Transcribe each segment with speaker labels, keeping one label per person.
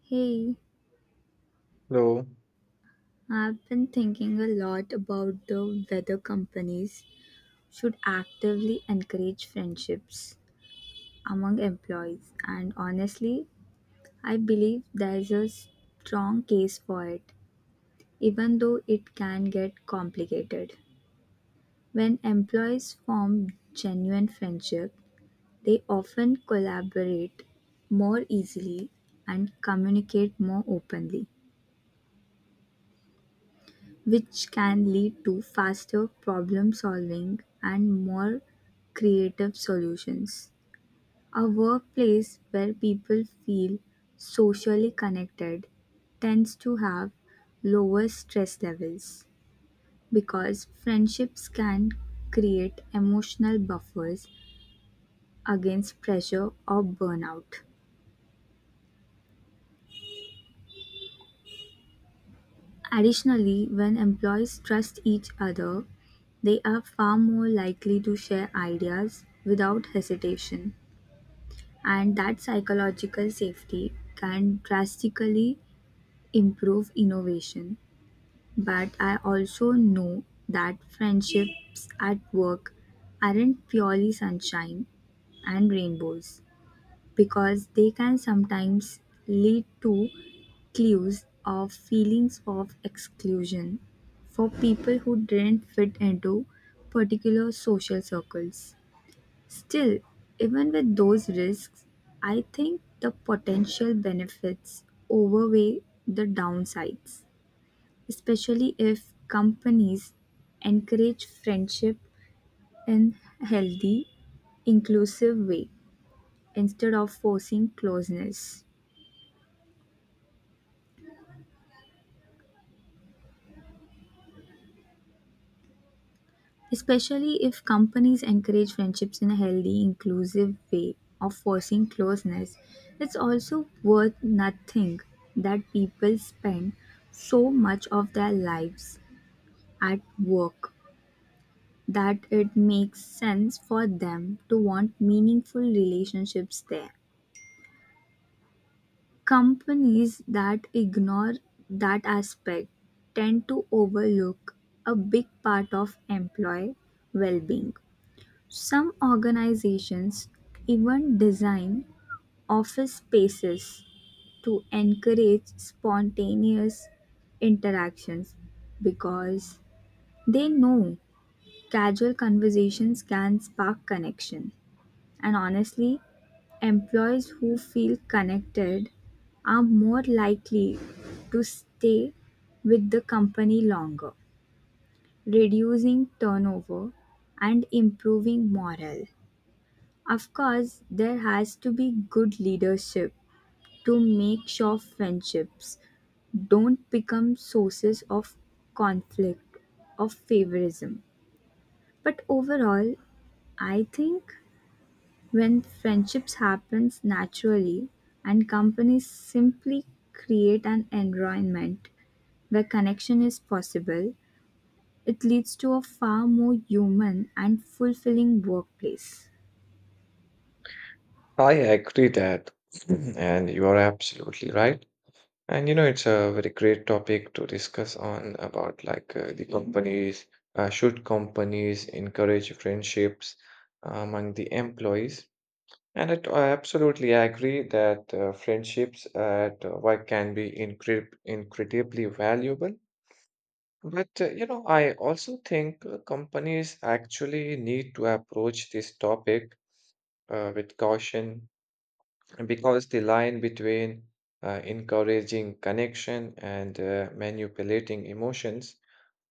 Speaker 1: Hey,
Speaker 2: No,
Speaker 1: I've been thinking a lot about the whether companies should actively encourage friendships among employees, and honestly, I believe there's a strong case for it, even though it can get complicated. When employees form genuine friendship, they often collaborate more easily and communicate more openly, which can lead to faster problem solving and more creative solutions. A workplace where people feel socially connected tends to have lower stress levels because friendships can create emotional buffers against pressure or burnout. Additionally, when employees trust each other, they are far more likely to share ideas without hesitation, and that psychological safety can drastically improve innovation. But I also know that friendships at work aren't purely sunshine and rainbows because they can sometimes lead to clues of feelings of exclusion for people who didn't fit into particular social circles. Still, even with those risks, I think the potential benefits overweigh the downsides, especially if companies encourage friendship in a healthy, inclusive way instead of forcing closeness. Especially if companies encourage friendships in a healthy, inclusive way of forcing closeness. It's also worth nothing that people spend so much of their lives at work that it makes sense for them to want meaningful relationships there. Companies that ignore that aspect tend to overlook a big part of employee well being. Some organizations even design office spaces to encourage spontaneous interactions because they know casual conversations can spark connection. And honestly, employees who feel connected are more likely to stay with the company longer, reducing turnover and improving morale. Of course, there has to be good leadership to make sure friendships don't become sources of conflict or favorism. But overall, I think when friendships happens naturally and companies simply create an environment where connection is possible, it leads to a far more human and fulfilling workplace.
Speaker 2: I agree that, and you are absolutely right. It's a very great topic to discuss on about the companies, should companies encourage friendships among the employees? I absolutely agree that friendships at work can be incredibly valuable. But I also think companies actually need to approach this topic with caution because the line between encouraging connection and manipulating emotions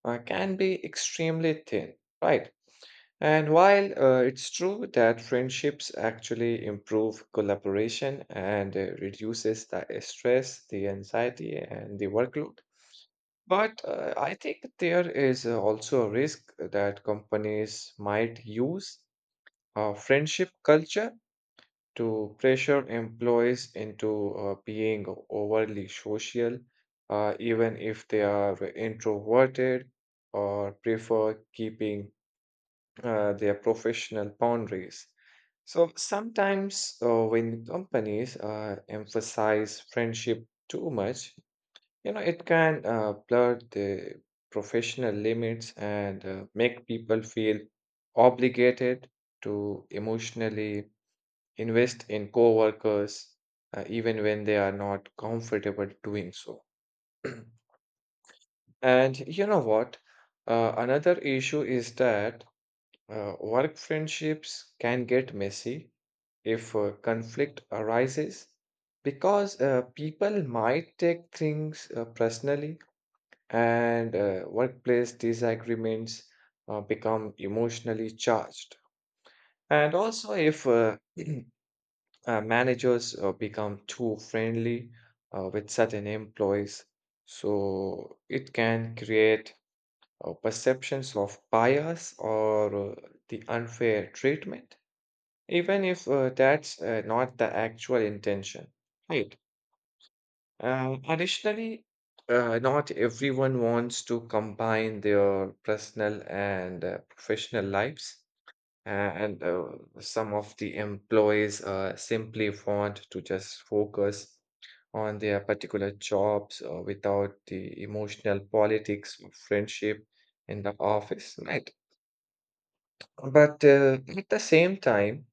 Speaker 2: can be extremely thin, right? And while it's true that friendships actually improve collaboration and reduces the stress, the anxiety, and the workload, but I think there is also a risk that companies might use friendship culture to pressure employees into being overly social, even if they are introverted or prefer keeping their professional boundaries. So sometimes when companies emphasize friendship too much, it can blur the professional limits and make people feel obligated to emotionally invest in coworkers even when they are not comfortable doing so. And you know what, another issue is that work friendships can get messy if conflict arises because people might take things personally and workplace disagreements become emotionally charged. And also if managers become too friendly with certain employees. So it can create perceptions of bias or the unfair treatment, even if that's not the actual intention. Right. Additionally, not everyone wants to combine their personal and professional lives and some of the employees simply want to just focus on their particular jobs without the emotional politics of friendship in the office, right? But at the same time,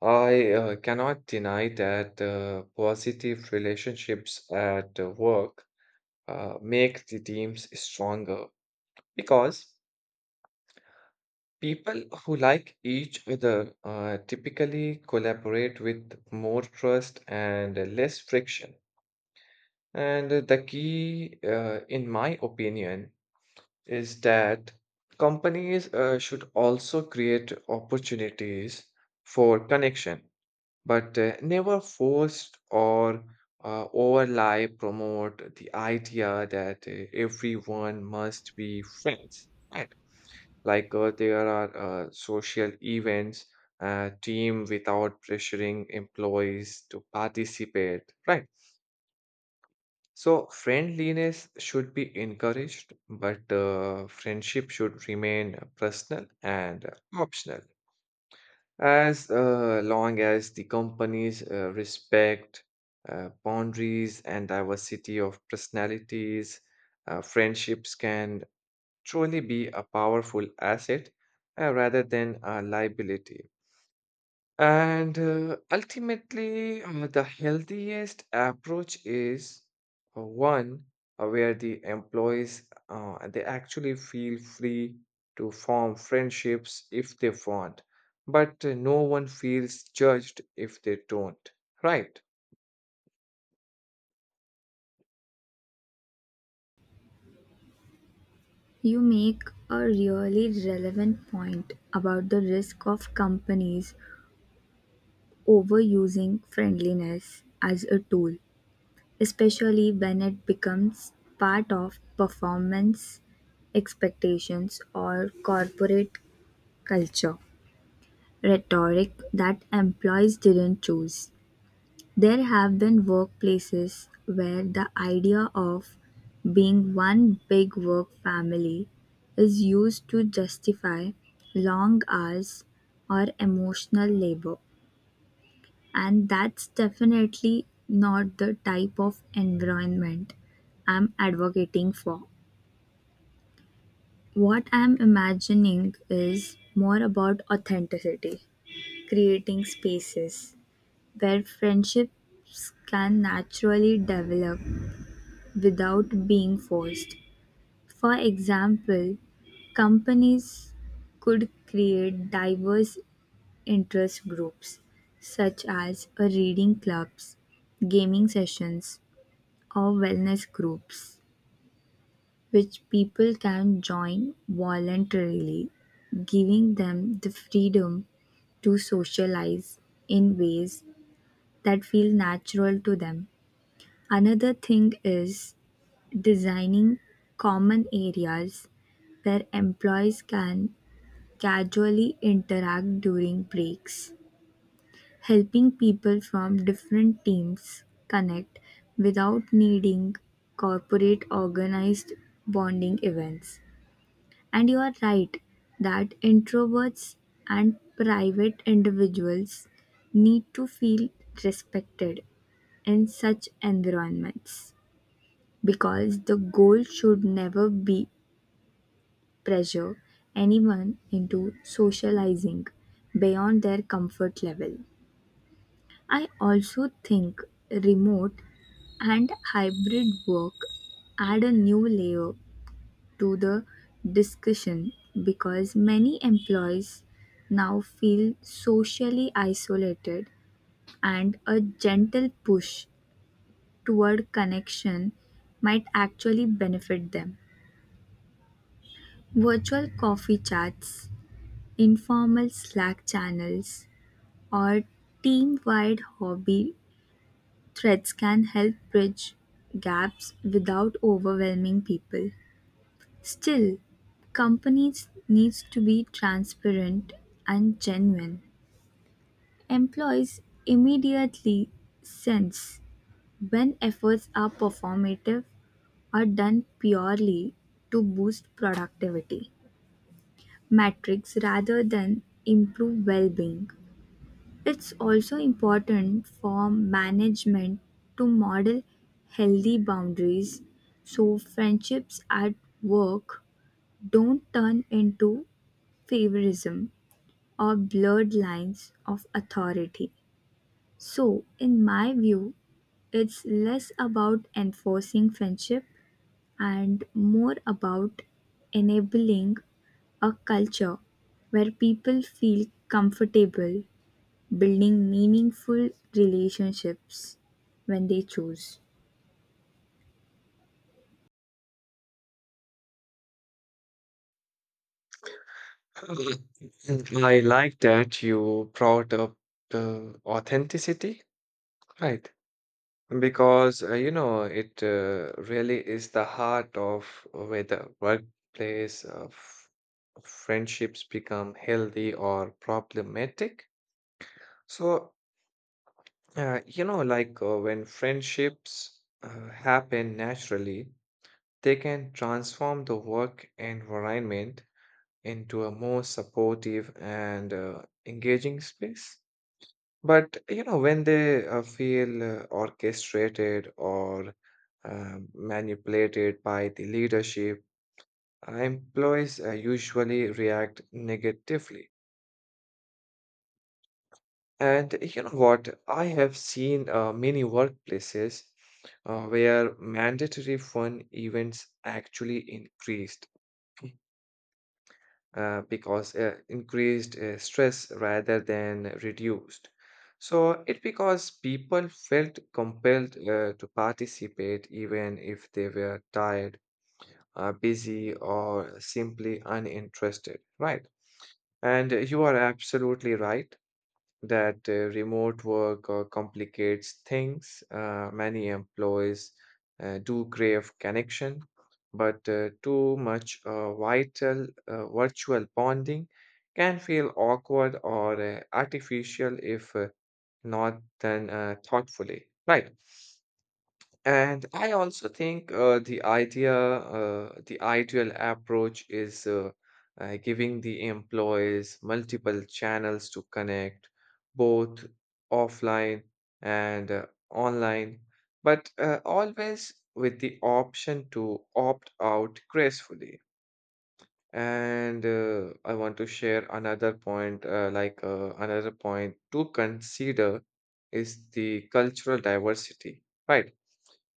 Speaker 2: I cannot deny that positive relationships at work make the teams stronger because people who like each other typically collaborate with more trust and less friction. And the key, in my opinion, is that companies should also create opportunities for connection, but never force or overly promote the idea that everyone must be friends. Right? Like, there are social events, team without pressuring employees to participate, right? So friendliness should be encouraged, but friendship should remain personal and optional. As long as the companies respect boundaries and diversity of personalities, friendships can truly be a powerful asset rather than a liability. And ultimately, the healthiest approach is one where the employees they actually feel free to form friendships if they want, but no one feels judged if they don't, right?
Speaker 1: You make a really relevant point about the risk of companies overusing friendliness as a tool, especially when it becomes part of performance expectations or corporate culture, rhetoric that employees didn't choose. There have been workplaces where the idea of being one big work family is used to justify long hours or emotional labor, and that's definitely not the type of environment I'm advocating for. What I'm imagining is more about authenticity, creating spaces where friendships can naturally develop without being forced. For example, companies could create diverse interest groups such as a reading clubs, gaming sessions, or wellness groups which people can join voluntarily, giving them the freedom to socialize in ways that feel natural to them. Another thing is designing common areas where employees can casually interact during breaks, helping people from different teams connect without needing corporate organized bonding events. And you are right that introverts and private individuals need to feel respected in such environments because the goal should never be pressure anyone into socializing beyond their comfort level. I also think remote and hybrid work add a new layer to the discussion because many employees now feel socially isolated and a gentle push toward connection might actually benefit them. Virtual coffee chats, informal Slack channels, or team-wide hobby threads can help bridge gaps without overwhelming people. Still, companies needs to be transparent and genuine. Employees immediately sense when efforts are performative or done purely to boost productivity metrics rather than improve well-being. It's also important for management to model healthy boundaries so friendships at work don't turn into favorism or blurred lines of authority. So, in my view, it's less about enforcing friendship and more about enabling a culture where people feel comfortable building meaningful relationships when they choose.
Speaker 2: Mhm. I like that you brought up the authenticity, right? Because you know it really is the heart of whether workplace friendships become healthy or problematic. So when friendships happen naturally, they can transform the work environment into a more supportive and engaging space. But when they feel orchestrated or manipulated by the leadership, employees usually react negatively. And you know what? I have seen many workplaces where mandatory fun events actually increased because increased stress rather than reduced. So it because people felt compelled to participate even if they were tired, busy, or simply uninterested, right? And you are absolutely right that remote work complicates things. Many employees do crave connection, but too much vital virtual bonding can feel awkward or artificial if not done thoughtfully. Right. And I also think the ideal approach is giving the employees multiple channels to connect, both offline and online, but always with the option to opt out gracefully. And I want to share another point, like, another point to consider is the cultural diversity, right?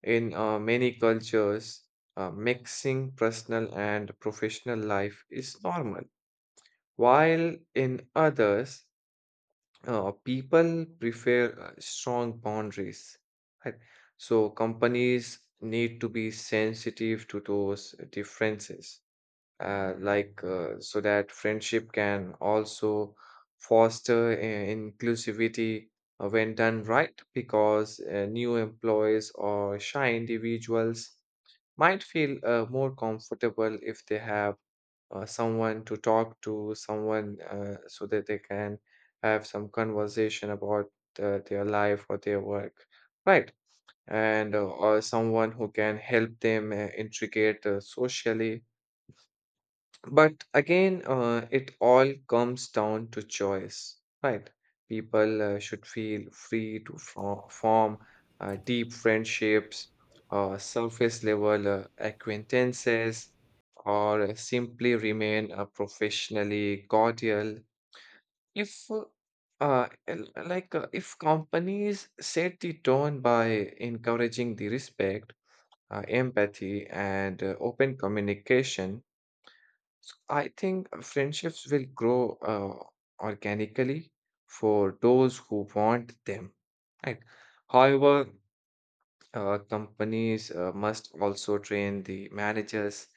Speaker 2: In many cultures, mixing personal and professional life is normal, while in others, people prefer strong boundaries. Right? So, companies need to be sensitive to those differences, like, so that friendship can also foster inclusivity when done right, because new employees or shy individuals might feel more comfortable if they have someone to talk to, someone so that they can have some conversation about their life or their work, right? And or someone who can help them integrate socially, but again, it all comes down to choice, right? People should feel free to form deep friendships, surface level acquaintances, or simply remain professionally cordial. If if companies set the tone by encouraging the respect, empathy, and open communication, so I think friendships will grow organically for those who want them, right? However, companies must also train the managers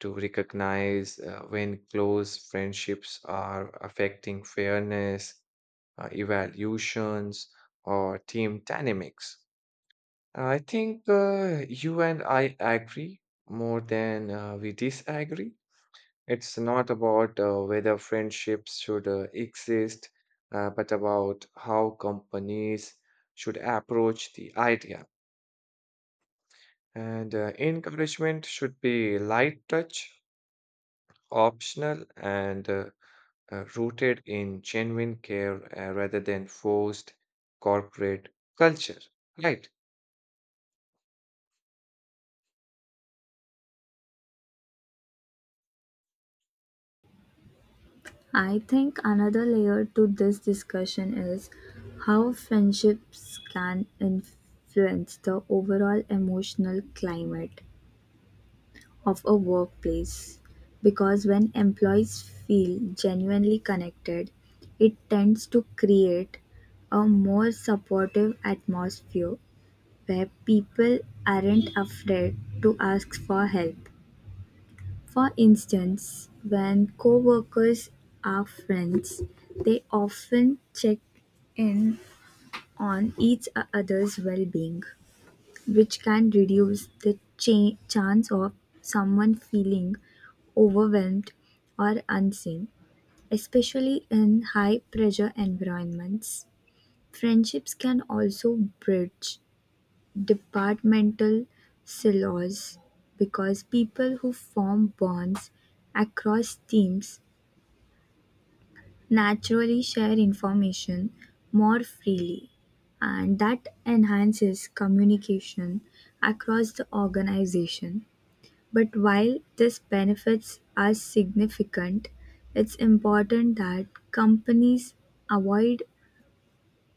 Speaker 2: to recognize when close friendships are affecting fairness, evaluations, or team dynamics. I think you and I agree more than we disagree. It's not about whether friendships should exist, but about how companies should approach the idea. And encouragement should be light touch, optional, and rooted in genuine care rather than forced corporate culture. Right.
Speaker 1: I think another layer to this discussion is how friendships can influence the overall emotional climate of a workplace. Because when employees feel genuinely connected, it tends to create a more supportive atmosphere where people aren't afraid to ask for help. For instance, when coworkers are friends, they often check in on each other's well-being, which can reduce the chance of someone feeling overwhelmed or unseen, especially in high pressure environments. Friendships can also bridge departmental silos because people who form bonds across teams naturally share information more freely, and that enhances communication across the organization. But while this benefits are significant, it's important that companies avoid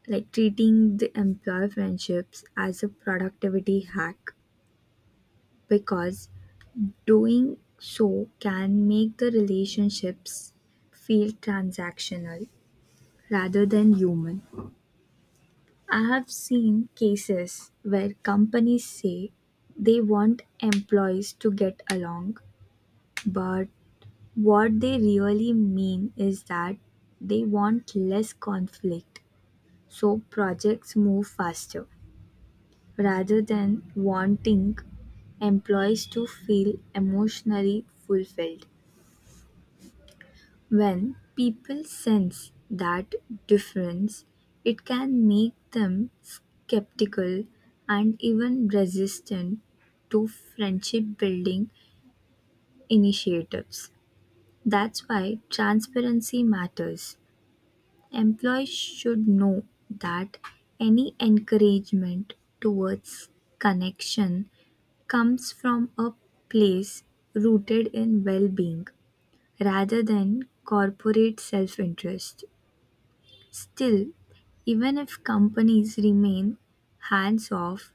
Speaker 1: like treating the employer friendships as a productivity hack, because doing so can make the relationships feel transactional rather than human. I have seen cases where companies say they want employees to get along, but what they really mean is that they want less conflict so projects move faster rather than wanting employees to feel emotionally fulfilled. When people sense that difference, it can make them skeptical and even resistant to friendship building initiatives. That's why transparency matters. Employees should know that any encouragement towards connection comes from a place rooted in well being rather than corporate self interest. Still, even if companies remain hands off,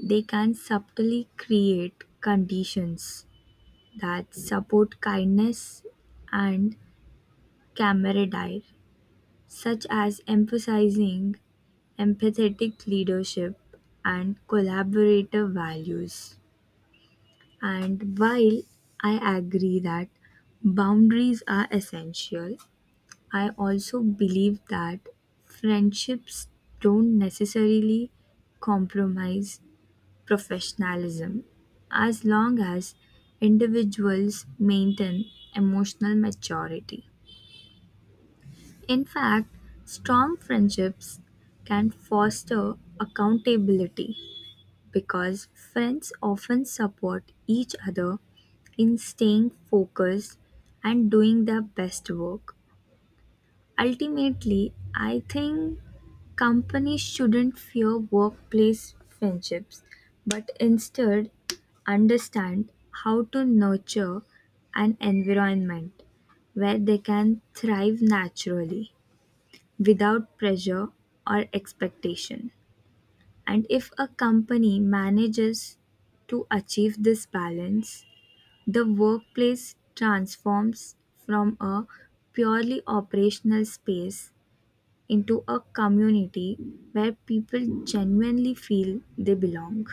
Speaker 1: they can subtly create conditions that support kindness and camaraderie, such as emphasizing empathetic leadership and collaborative values. And while I agree that boundaries are essential, I also believe that friendships don't necessarily compromise professionalism as long as individuals maintain emotional maturity. In fact, strong friendships can foster accountability because friends often support each other in staying focused and doing their best work. Ultimately, I think companies shouldn't fear workplace friendships, but instead understand how to nurture an environment where they can thrive naturally without pressure or expectation. And if a company manages to achieve this balance, the workplace transforms from a purely operational space into a community where people genuinely feel they belong.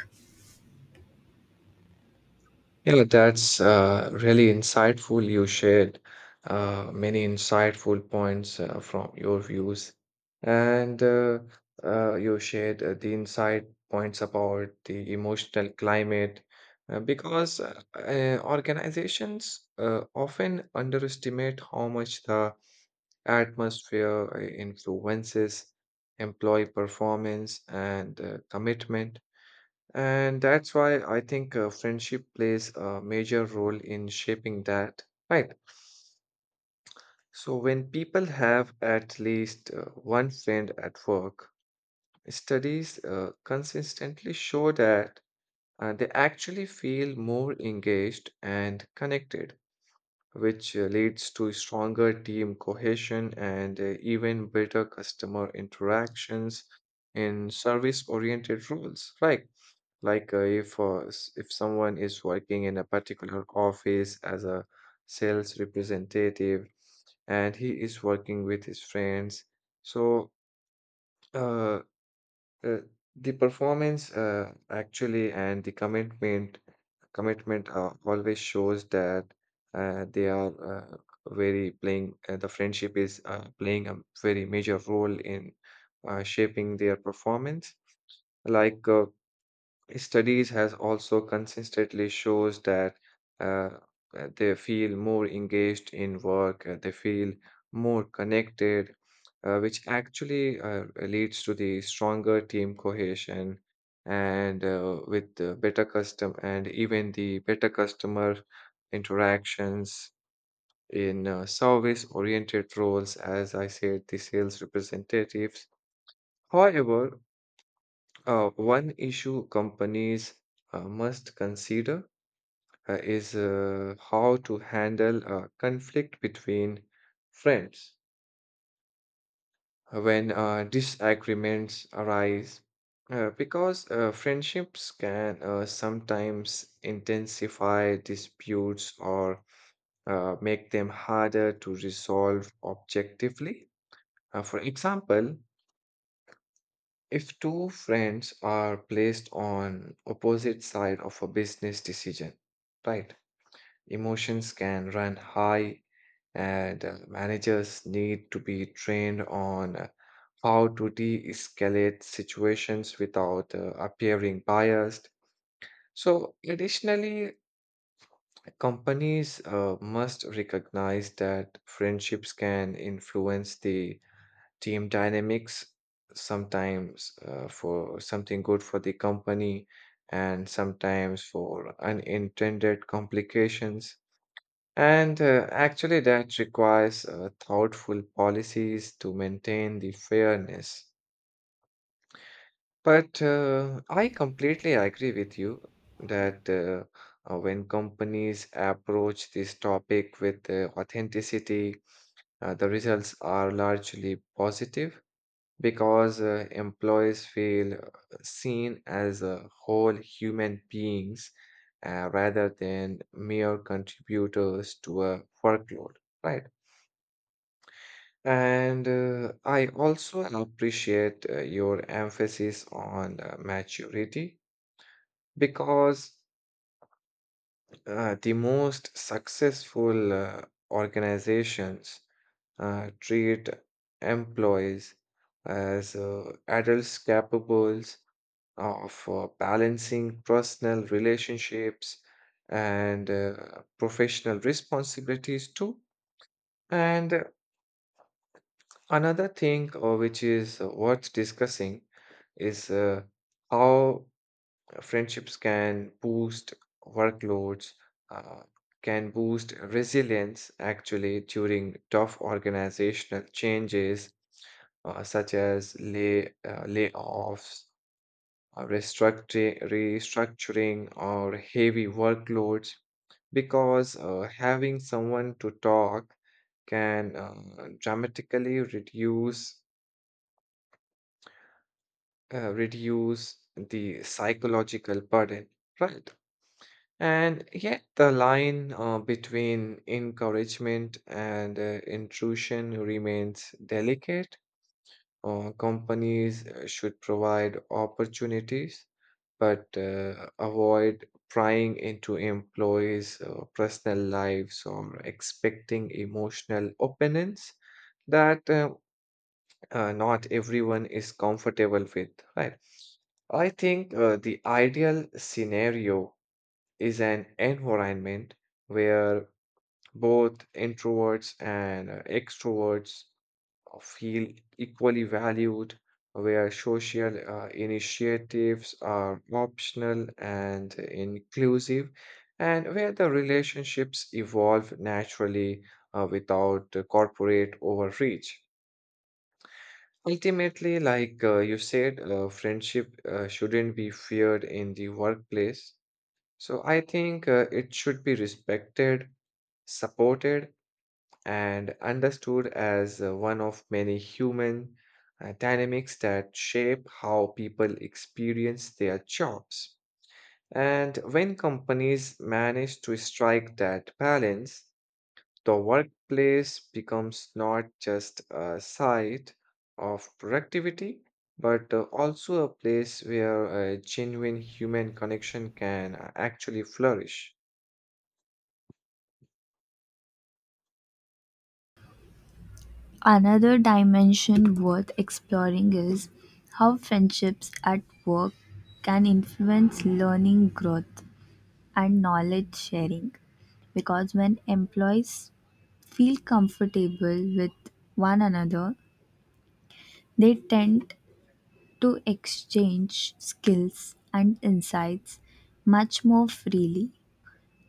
Speaker 2: Yeah, that's really insightful. You shared many insightful points from your views, and you shared the insight points about the emotional climate because organizations often underestimate how much the atmosphere influences employee performance and commitment. And that's why I think friendship plays a major role in shaping that, right? So, when people have at least one friend at work, studies consistently show that they actually feel more engaged and connected, which leads to stronger team cohesion and even better customer interactions in service oriented roles, right? Like, if someone is working in a particular office as a sales representative and he is working with his friends, so uh, uh, the performance actually and the commitment always shows that they are very playing the friendship is playing a very major role in shaping their performance. Like, studies has also consistently shows that uh, they feel more engaged in work, they feel more connected, which actually leads to the stronger team cohesion and with the better custom and even the better customer interactions in service-oriented roles, as I said, the sales representatives. However, one issue companies must consider is how to handle conflict between friends when disagreements arise, because friendships can sometimes intensify disputes or make them harder to resolve objectively. For example, if two friends are placed on opposite side of a business decision, right? Emotions can run high and managers need to be trained on how to de-escalate situations without appearing biased. So additionally, companies must recognize that friendships can influence the team dynamics sometimes for something good for the company and sometimes for unintended complications and actually that requires thoughtful policies to maintain the fairness, but I completely agree with you that when companies approach this topic with authenticity the results are largely positive because employees feel seen as a whole human beings rather than mere contributors to a workload, right? And I also appreciate your emphasis on maturity because the most successful organizations treat employees as adults capable of balancing personal relationships and professional responsibilities too. And another thing, which is worth discussing, is how friendships can workloads, uh, can boost resilience actually during tough organizational changes such as layoffs, restructuring, or heavy workloads because having someone to talk can dramatically reduce the psychological burden, right? And yet the line between encouragement and intrusion remains delicate. Companies should provide opportunities but avoid prying into employees' personal lives or expecting emotional opinions that not everyone is comfortable with, right? I think the ideal scenario is an environment where both introverts and extroverts feel equally valued, where social initiatives are optional and inclusive, and where the relationships evolve naturally without corporate overreach. Ultimately, like you said, friendship shouldn't be feared in the workplace. So I think it should be respected, supported, and understood as one of many human dynamics that shape how people experience their jobs. And when companies manage to strike that balance, the workplace becomes not just a site of productivity, but also a place where a genuine human connection can actually flourish.
Speaker 1: Another dimension worth exploring is how friendships at work can influence learning, growth, and knowledge sharing. Because when employees feel comfortable with one another, they tend to exchange skills and insights much more freely.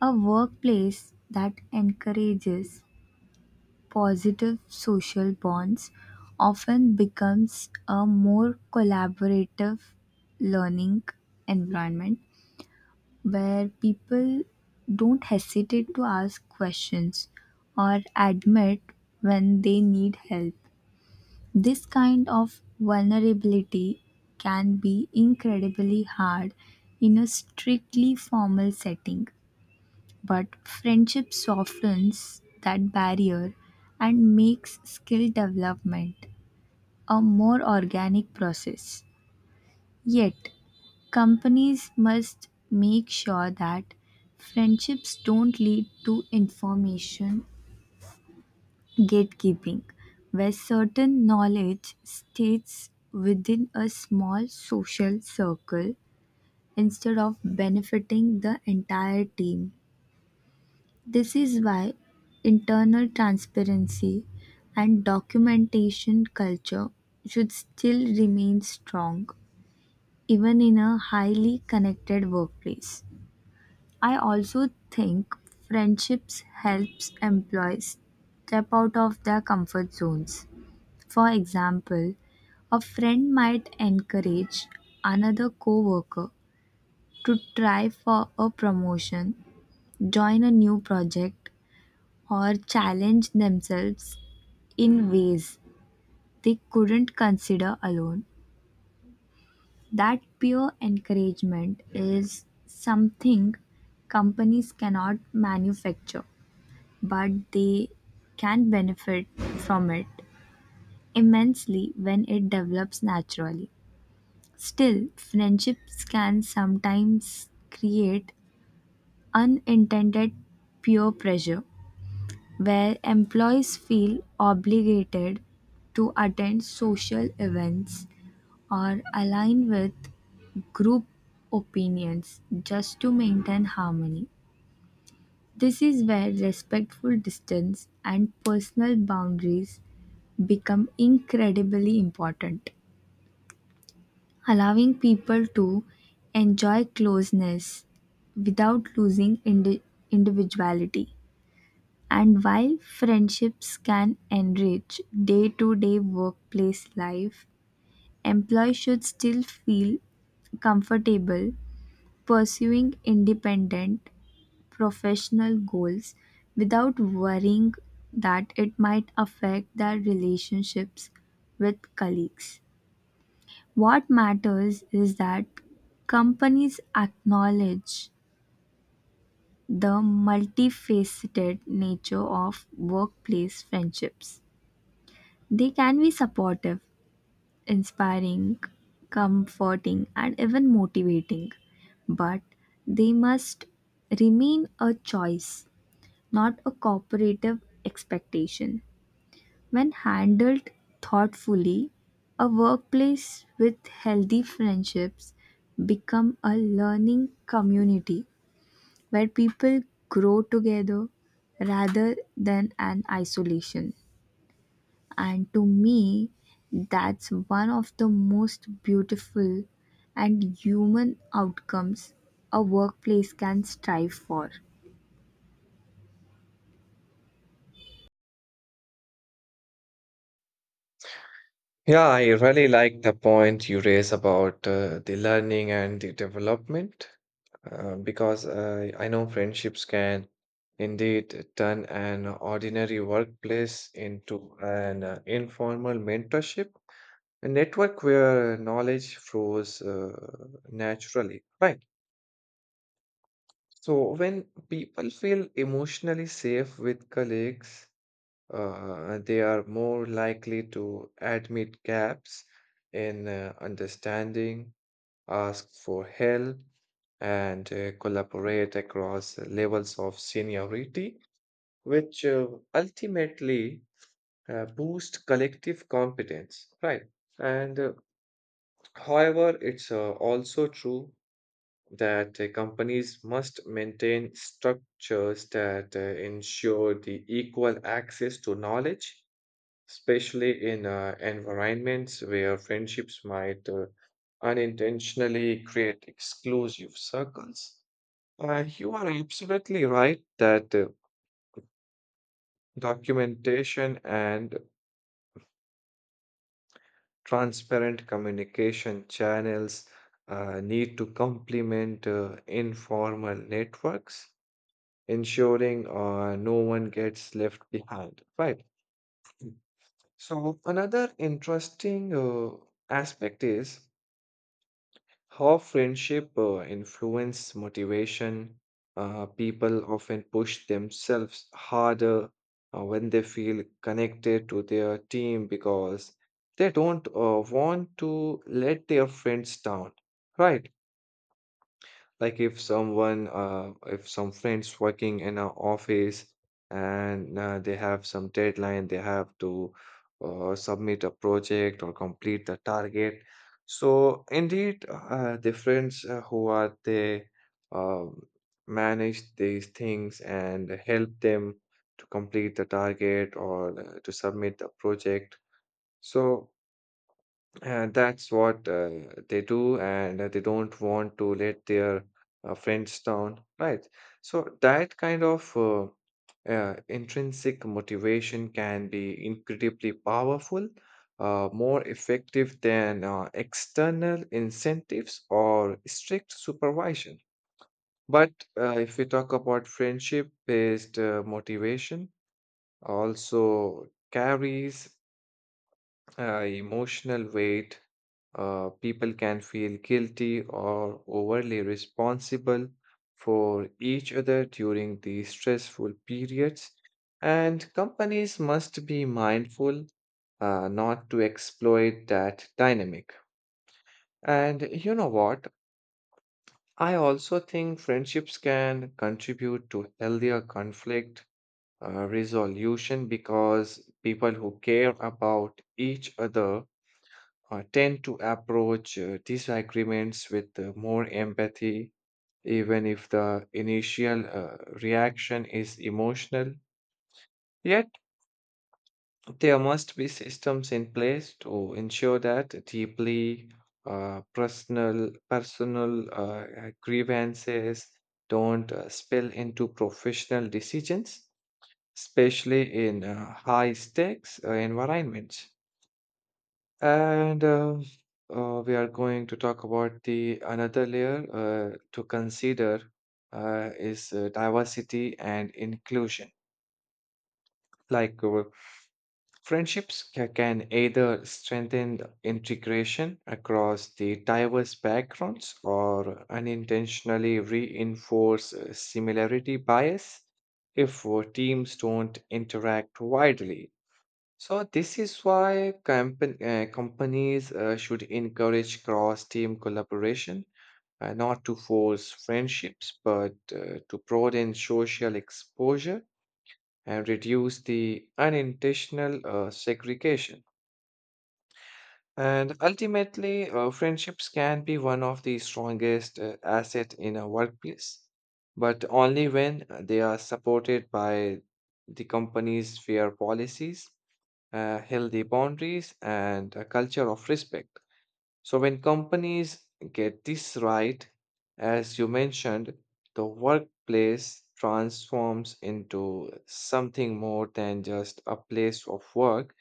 Speaker 1: A workplace that encourages positive social bonds often becomes a more collaborative learning environment where people don't hesitate to ask questions or admit when they need help. This kind of vulnerability can be incredibly hard in a strictly formal setting, but friendship softens that barrier and makes skill development a more organic process. Yet, companies must make sure that friendships don't lead to information gatekeeping, where certain knowledge stays within a small social circle instead of benefiting the entire team. This is why internal transparency and documentation culture should still remain strong even in a highly connected workplace. I also think friendships helps employees step out of their comfort zones. For example, a friend might encourage another coworker to try for a promotion, join a new project, or challenge themselves in ways they couldn't consider alone. That peer encouragement is something companies cannot manufacture, but they can benefit from it immensely when it develops naturally. Still, friendships can sometimes create unintended peer pressure where employees feel obligated to attend social events or align with group opinions just to maintain harmony. This is where respectful distance and personal boundaries become incredibly important, allowing people to enjoy closeness without losing individuality. And while friendships can enrich day to day workplace life, employees should still feel comfortable pursuing independent professional goals without worrying that it might affect their relationships with colleagues. What matters is that companies acknowledge the multifaceted nature of workplace friendships. They can be supportive, inspiring, comforting, and even motivating, but they must remain a choice, not a cooperative expectation. When handled thoughtfully, a workplace with healthy friendships become a learning community where people grow together rather than an isolation. And to me, that's one of the most beautiful and human outcomes a workplace can strive for.
Speaker 2: Yeah, I really like the point you raise about the learning and the development because I know friendships can indeed turn an ordinary workplace into an informal mentorship, a network where knowledge flows naturally, right? So when people feel emotionally safe with colleagues, they are more likely to admit gaps in understanding, ask for help, and collaborate across levels of seniority, which ultimately boost collective competence, right? And however, it's also true that companies must maintain structures that ensure the equal access to knowledge especially in environments where friendships might unintentionally create exclusive circles. You are absolutely right that documentation and transparent communication channels need to complement informal networks, ensuring no one gets left behind. Right. So, another interesting aspect is how friendship influence motivation. People often push themselves harder when they feel connected to their team because they don't want to let their friends down, right? Like if some friends working in an office and they have some deadline, they have to submit a project or complete the target. So indeed, the friends who are they um, manage these things and help them to complete the target or to submit the project. So and that's what they do, and they don't want to let their friends down, right? So that kind of intrinsic motivation can be incredibly powerful, more effective than external incentives or strict supervision. But if we talk about friendship-based motivation, also carries emotional weight. People can feel guilty or overly responsible for each other during these stressful periods. And companies must be mindful not to exploit that dynamic. And you know what? I also think friendships can contribute to healthier conflict resolution because people who care about each other tend to approach disagreements with more empathy, even if the initial reaction is emotional. Yet, there must be systems in place to ensure that deeply personal grievances don't spill into professional decisions, especially in high stakes environments. And we are going to talk about the another layer to consider is diversity and inclusion. Like friendships can either strengthen the integration across the diverse backgrounds or unintentionally reinforce similarity bias if teams don't interact widely. So this is why companies should encourage cross-team collaboration, not to force friendships, but to broaden social exposure and reduce the unintentional segregation. And ultimately, friendships can be one of the strongest asset in a workplace, but only when they are supported by the company's fair policies, healthy boundaries, and a culture of respect. So, when companies get this right, as you mentioned, the workplace transforms into something more than just a place of work.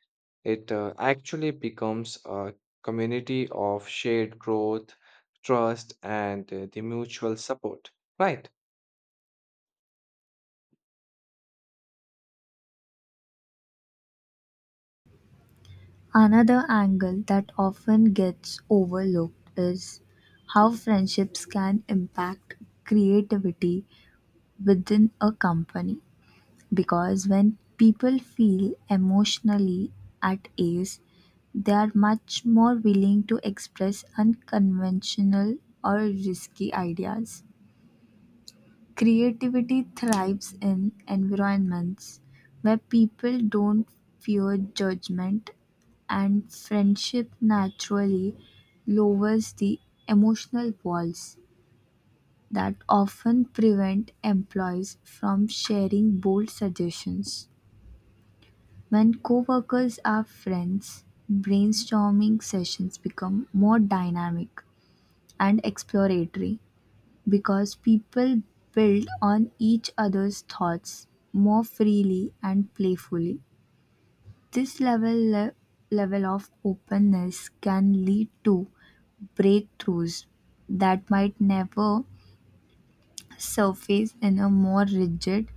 Speaker 2: It actually becomes a community of shared growth, trust, and the mutual support. Right.
Speaker 1: Another angle that often gets overlooked is how friendships can impact creativity within a company. Because when people feel emotionally at ease, they are much more willing to express unconventional or risky ideas. Creativity thrives in environments where people don't fear judgment, and friendship naturally lowers the emotional walls that often prevent employees from sharing bold suggestions. When coworkers are friends, brainstorming sessions become more dynamic and exploratory because people build on each other's thoughts more freely and playfully. This level of openness can lead to breakthroughs that might never surface in a more rigid,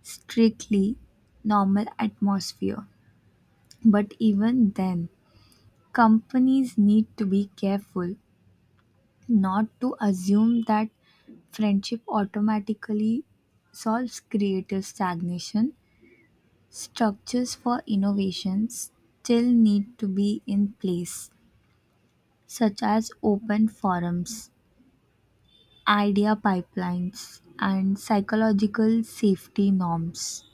Speaker 1: strictly normal atmosphere. But even then, companies need to be careful not to assume that friendship automatically solves creative stagnation. Structures for innovations still need to be in place, such as open forums, idea pipelines, and psychological safety norms.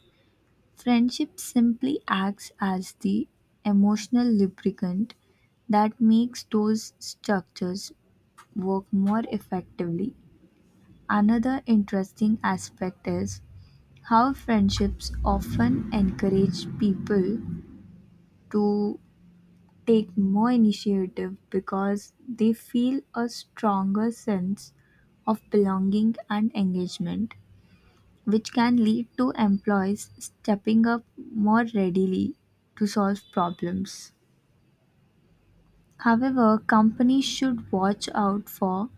Speaker 1: Friendship simply acts as the emotional lubricant that makes those structures work more effectively. Another interesting aspect is how friendships often encourage people to take more initiative because they feel a stronger sense of belonging and engagement, which can lead to employees stepping up more readily to solve problems. However, companies should watch out for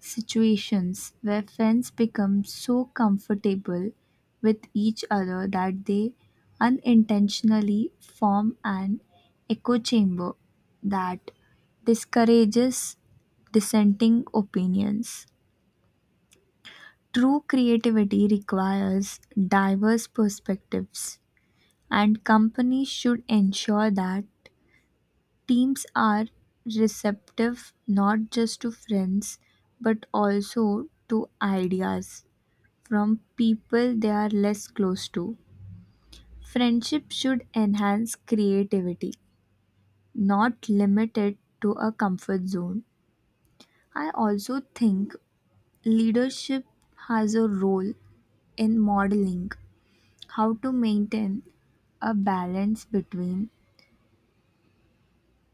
Speaker 1: situations where friends become so comfortable with each other that they unintentionally form an echo chamber that discourages dissenting opinions. True creativity requires diverse perspectives, and companies should ensure that teams are receptive not just to friends but also to ideas from people they are less close to. Friendship should enhance creativity, not limit it to a comfort zone. I also think leadership has a role in modeling how to maintain a balance between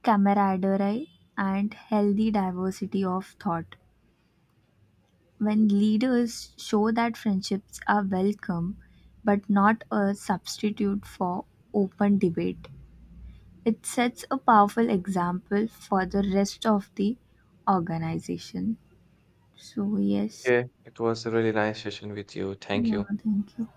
Speaker 1: camaraderie and healthy diversity of thought. When leaders show that friendships are welcome but not a substitute for open debate, it sets a powerful example for the rest of the organization. So yes,
Speaker 2: Yeah. It was a really nice session with you. Thank
Speaker 1: yeah,
Speaker 2: you.
Speaker 1: thank you.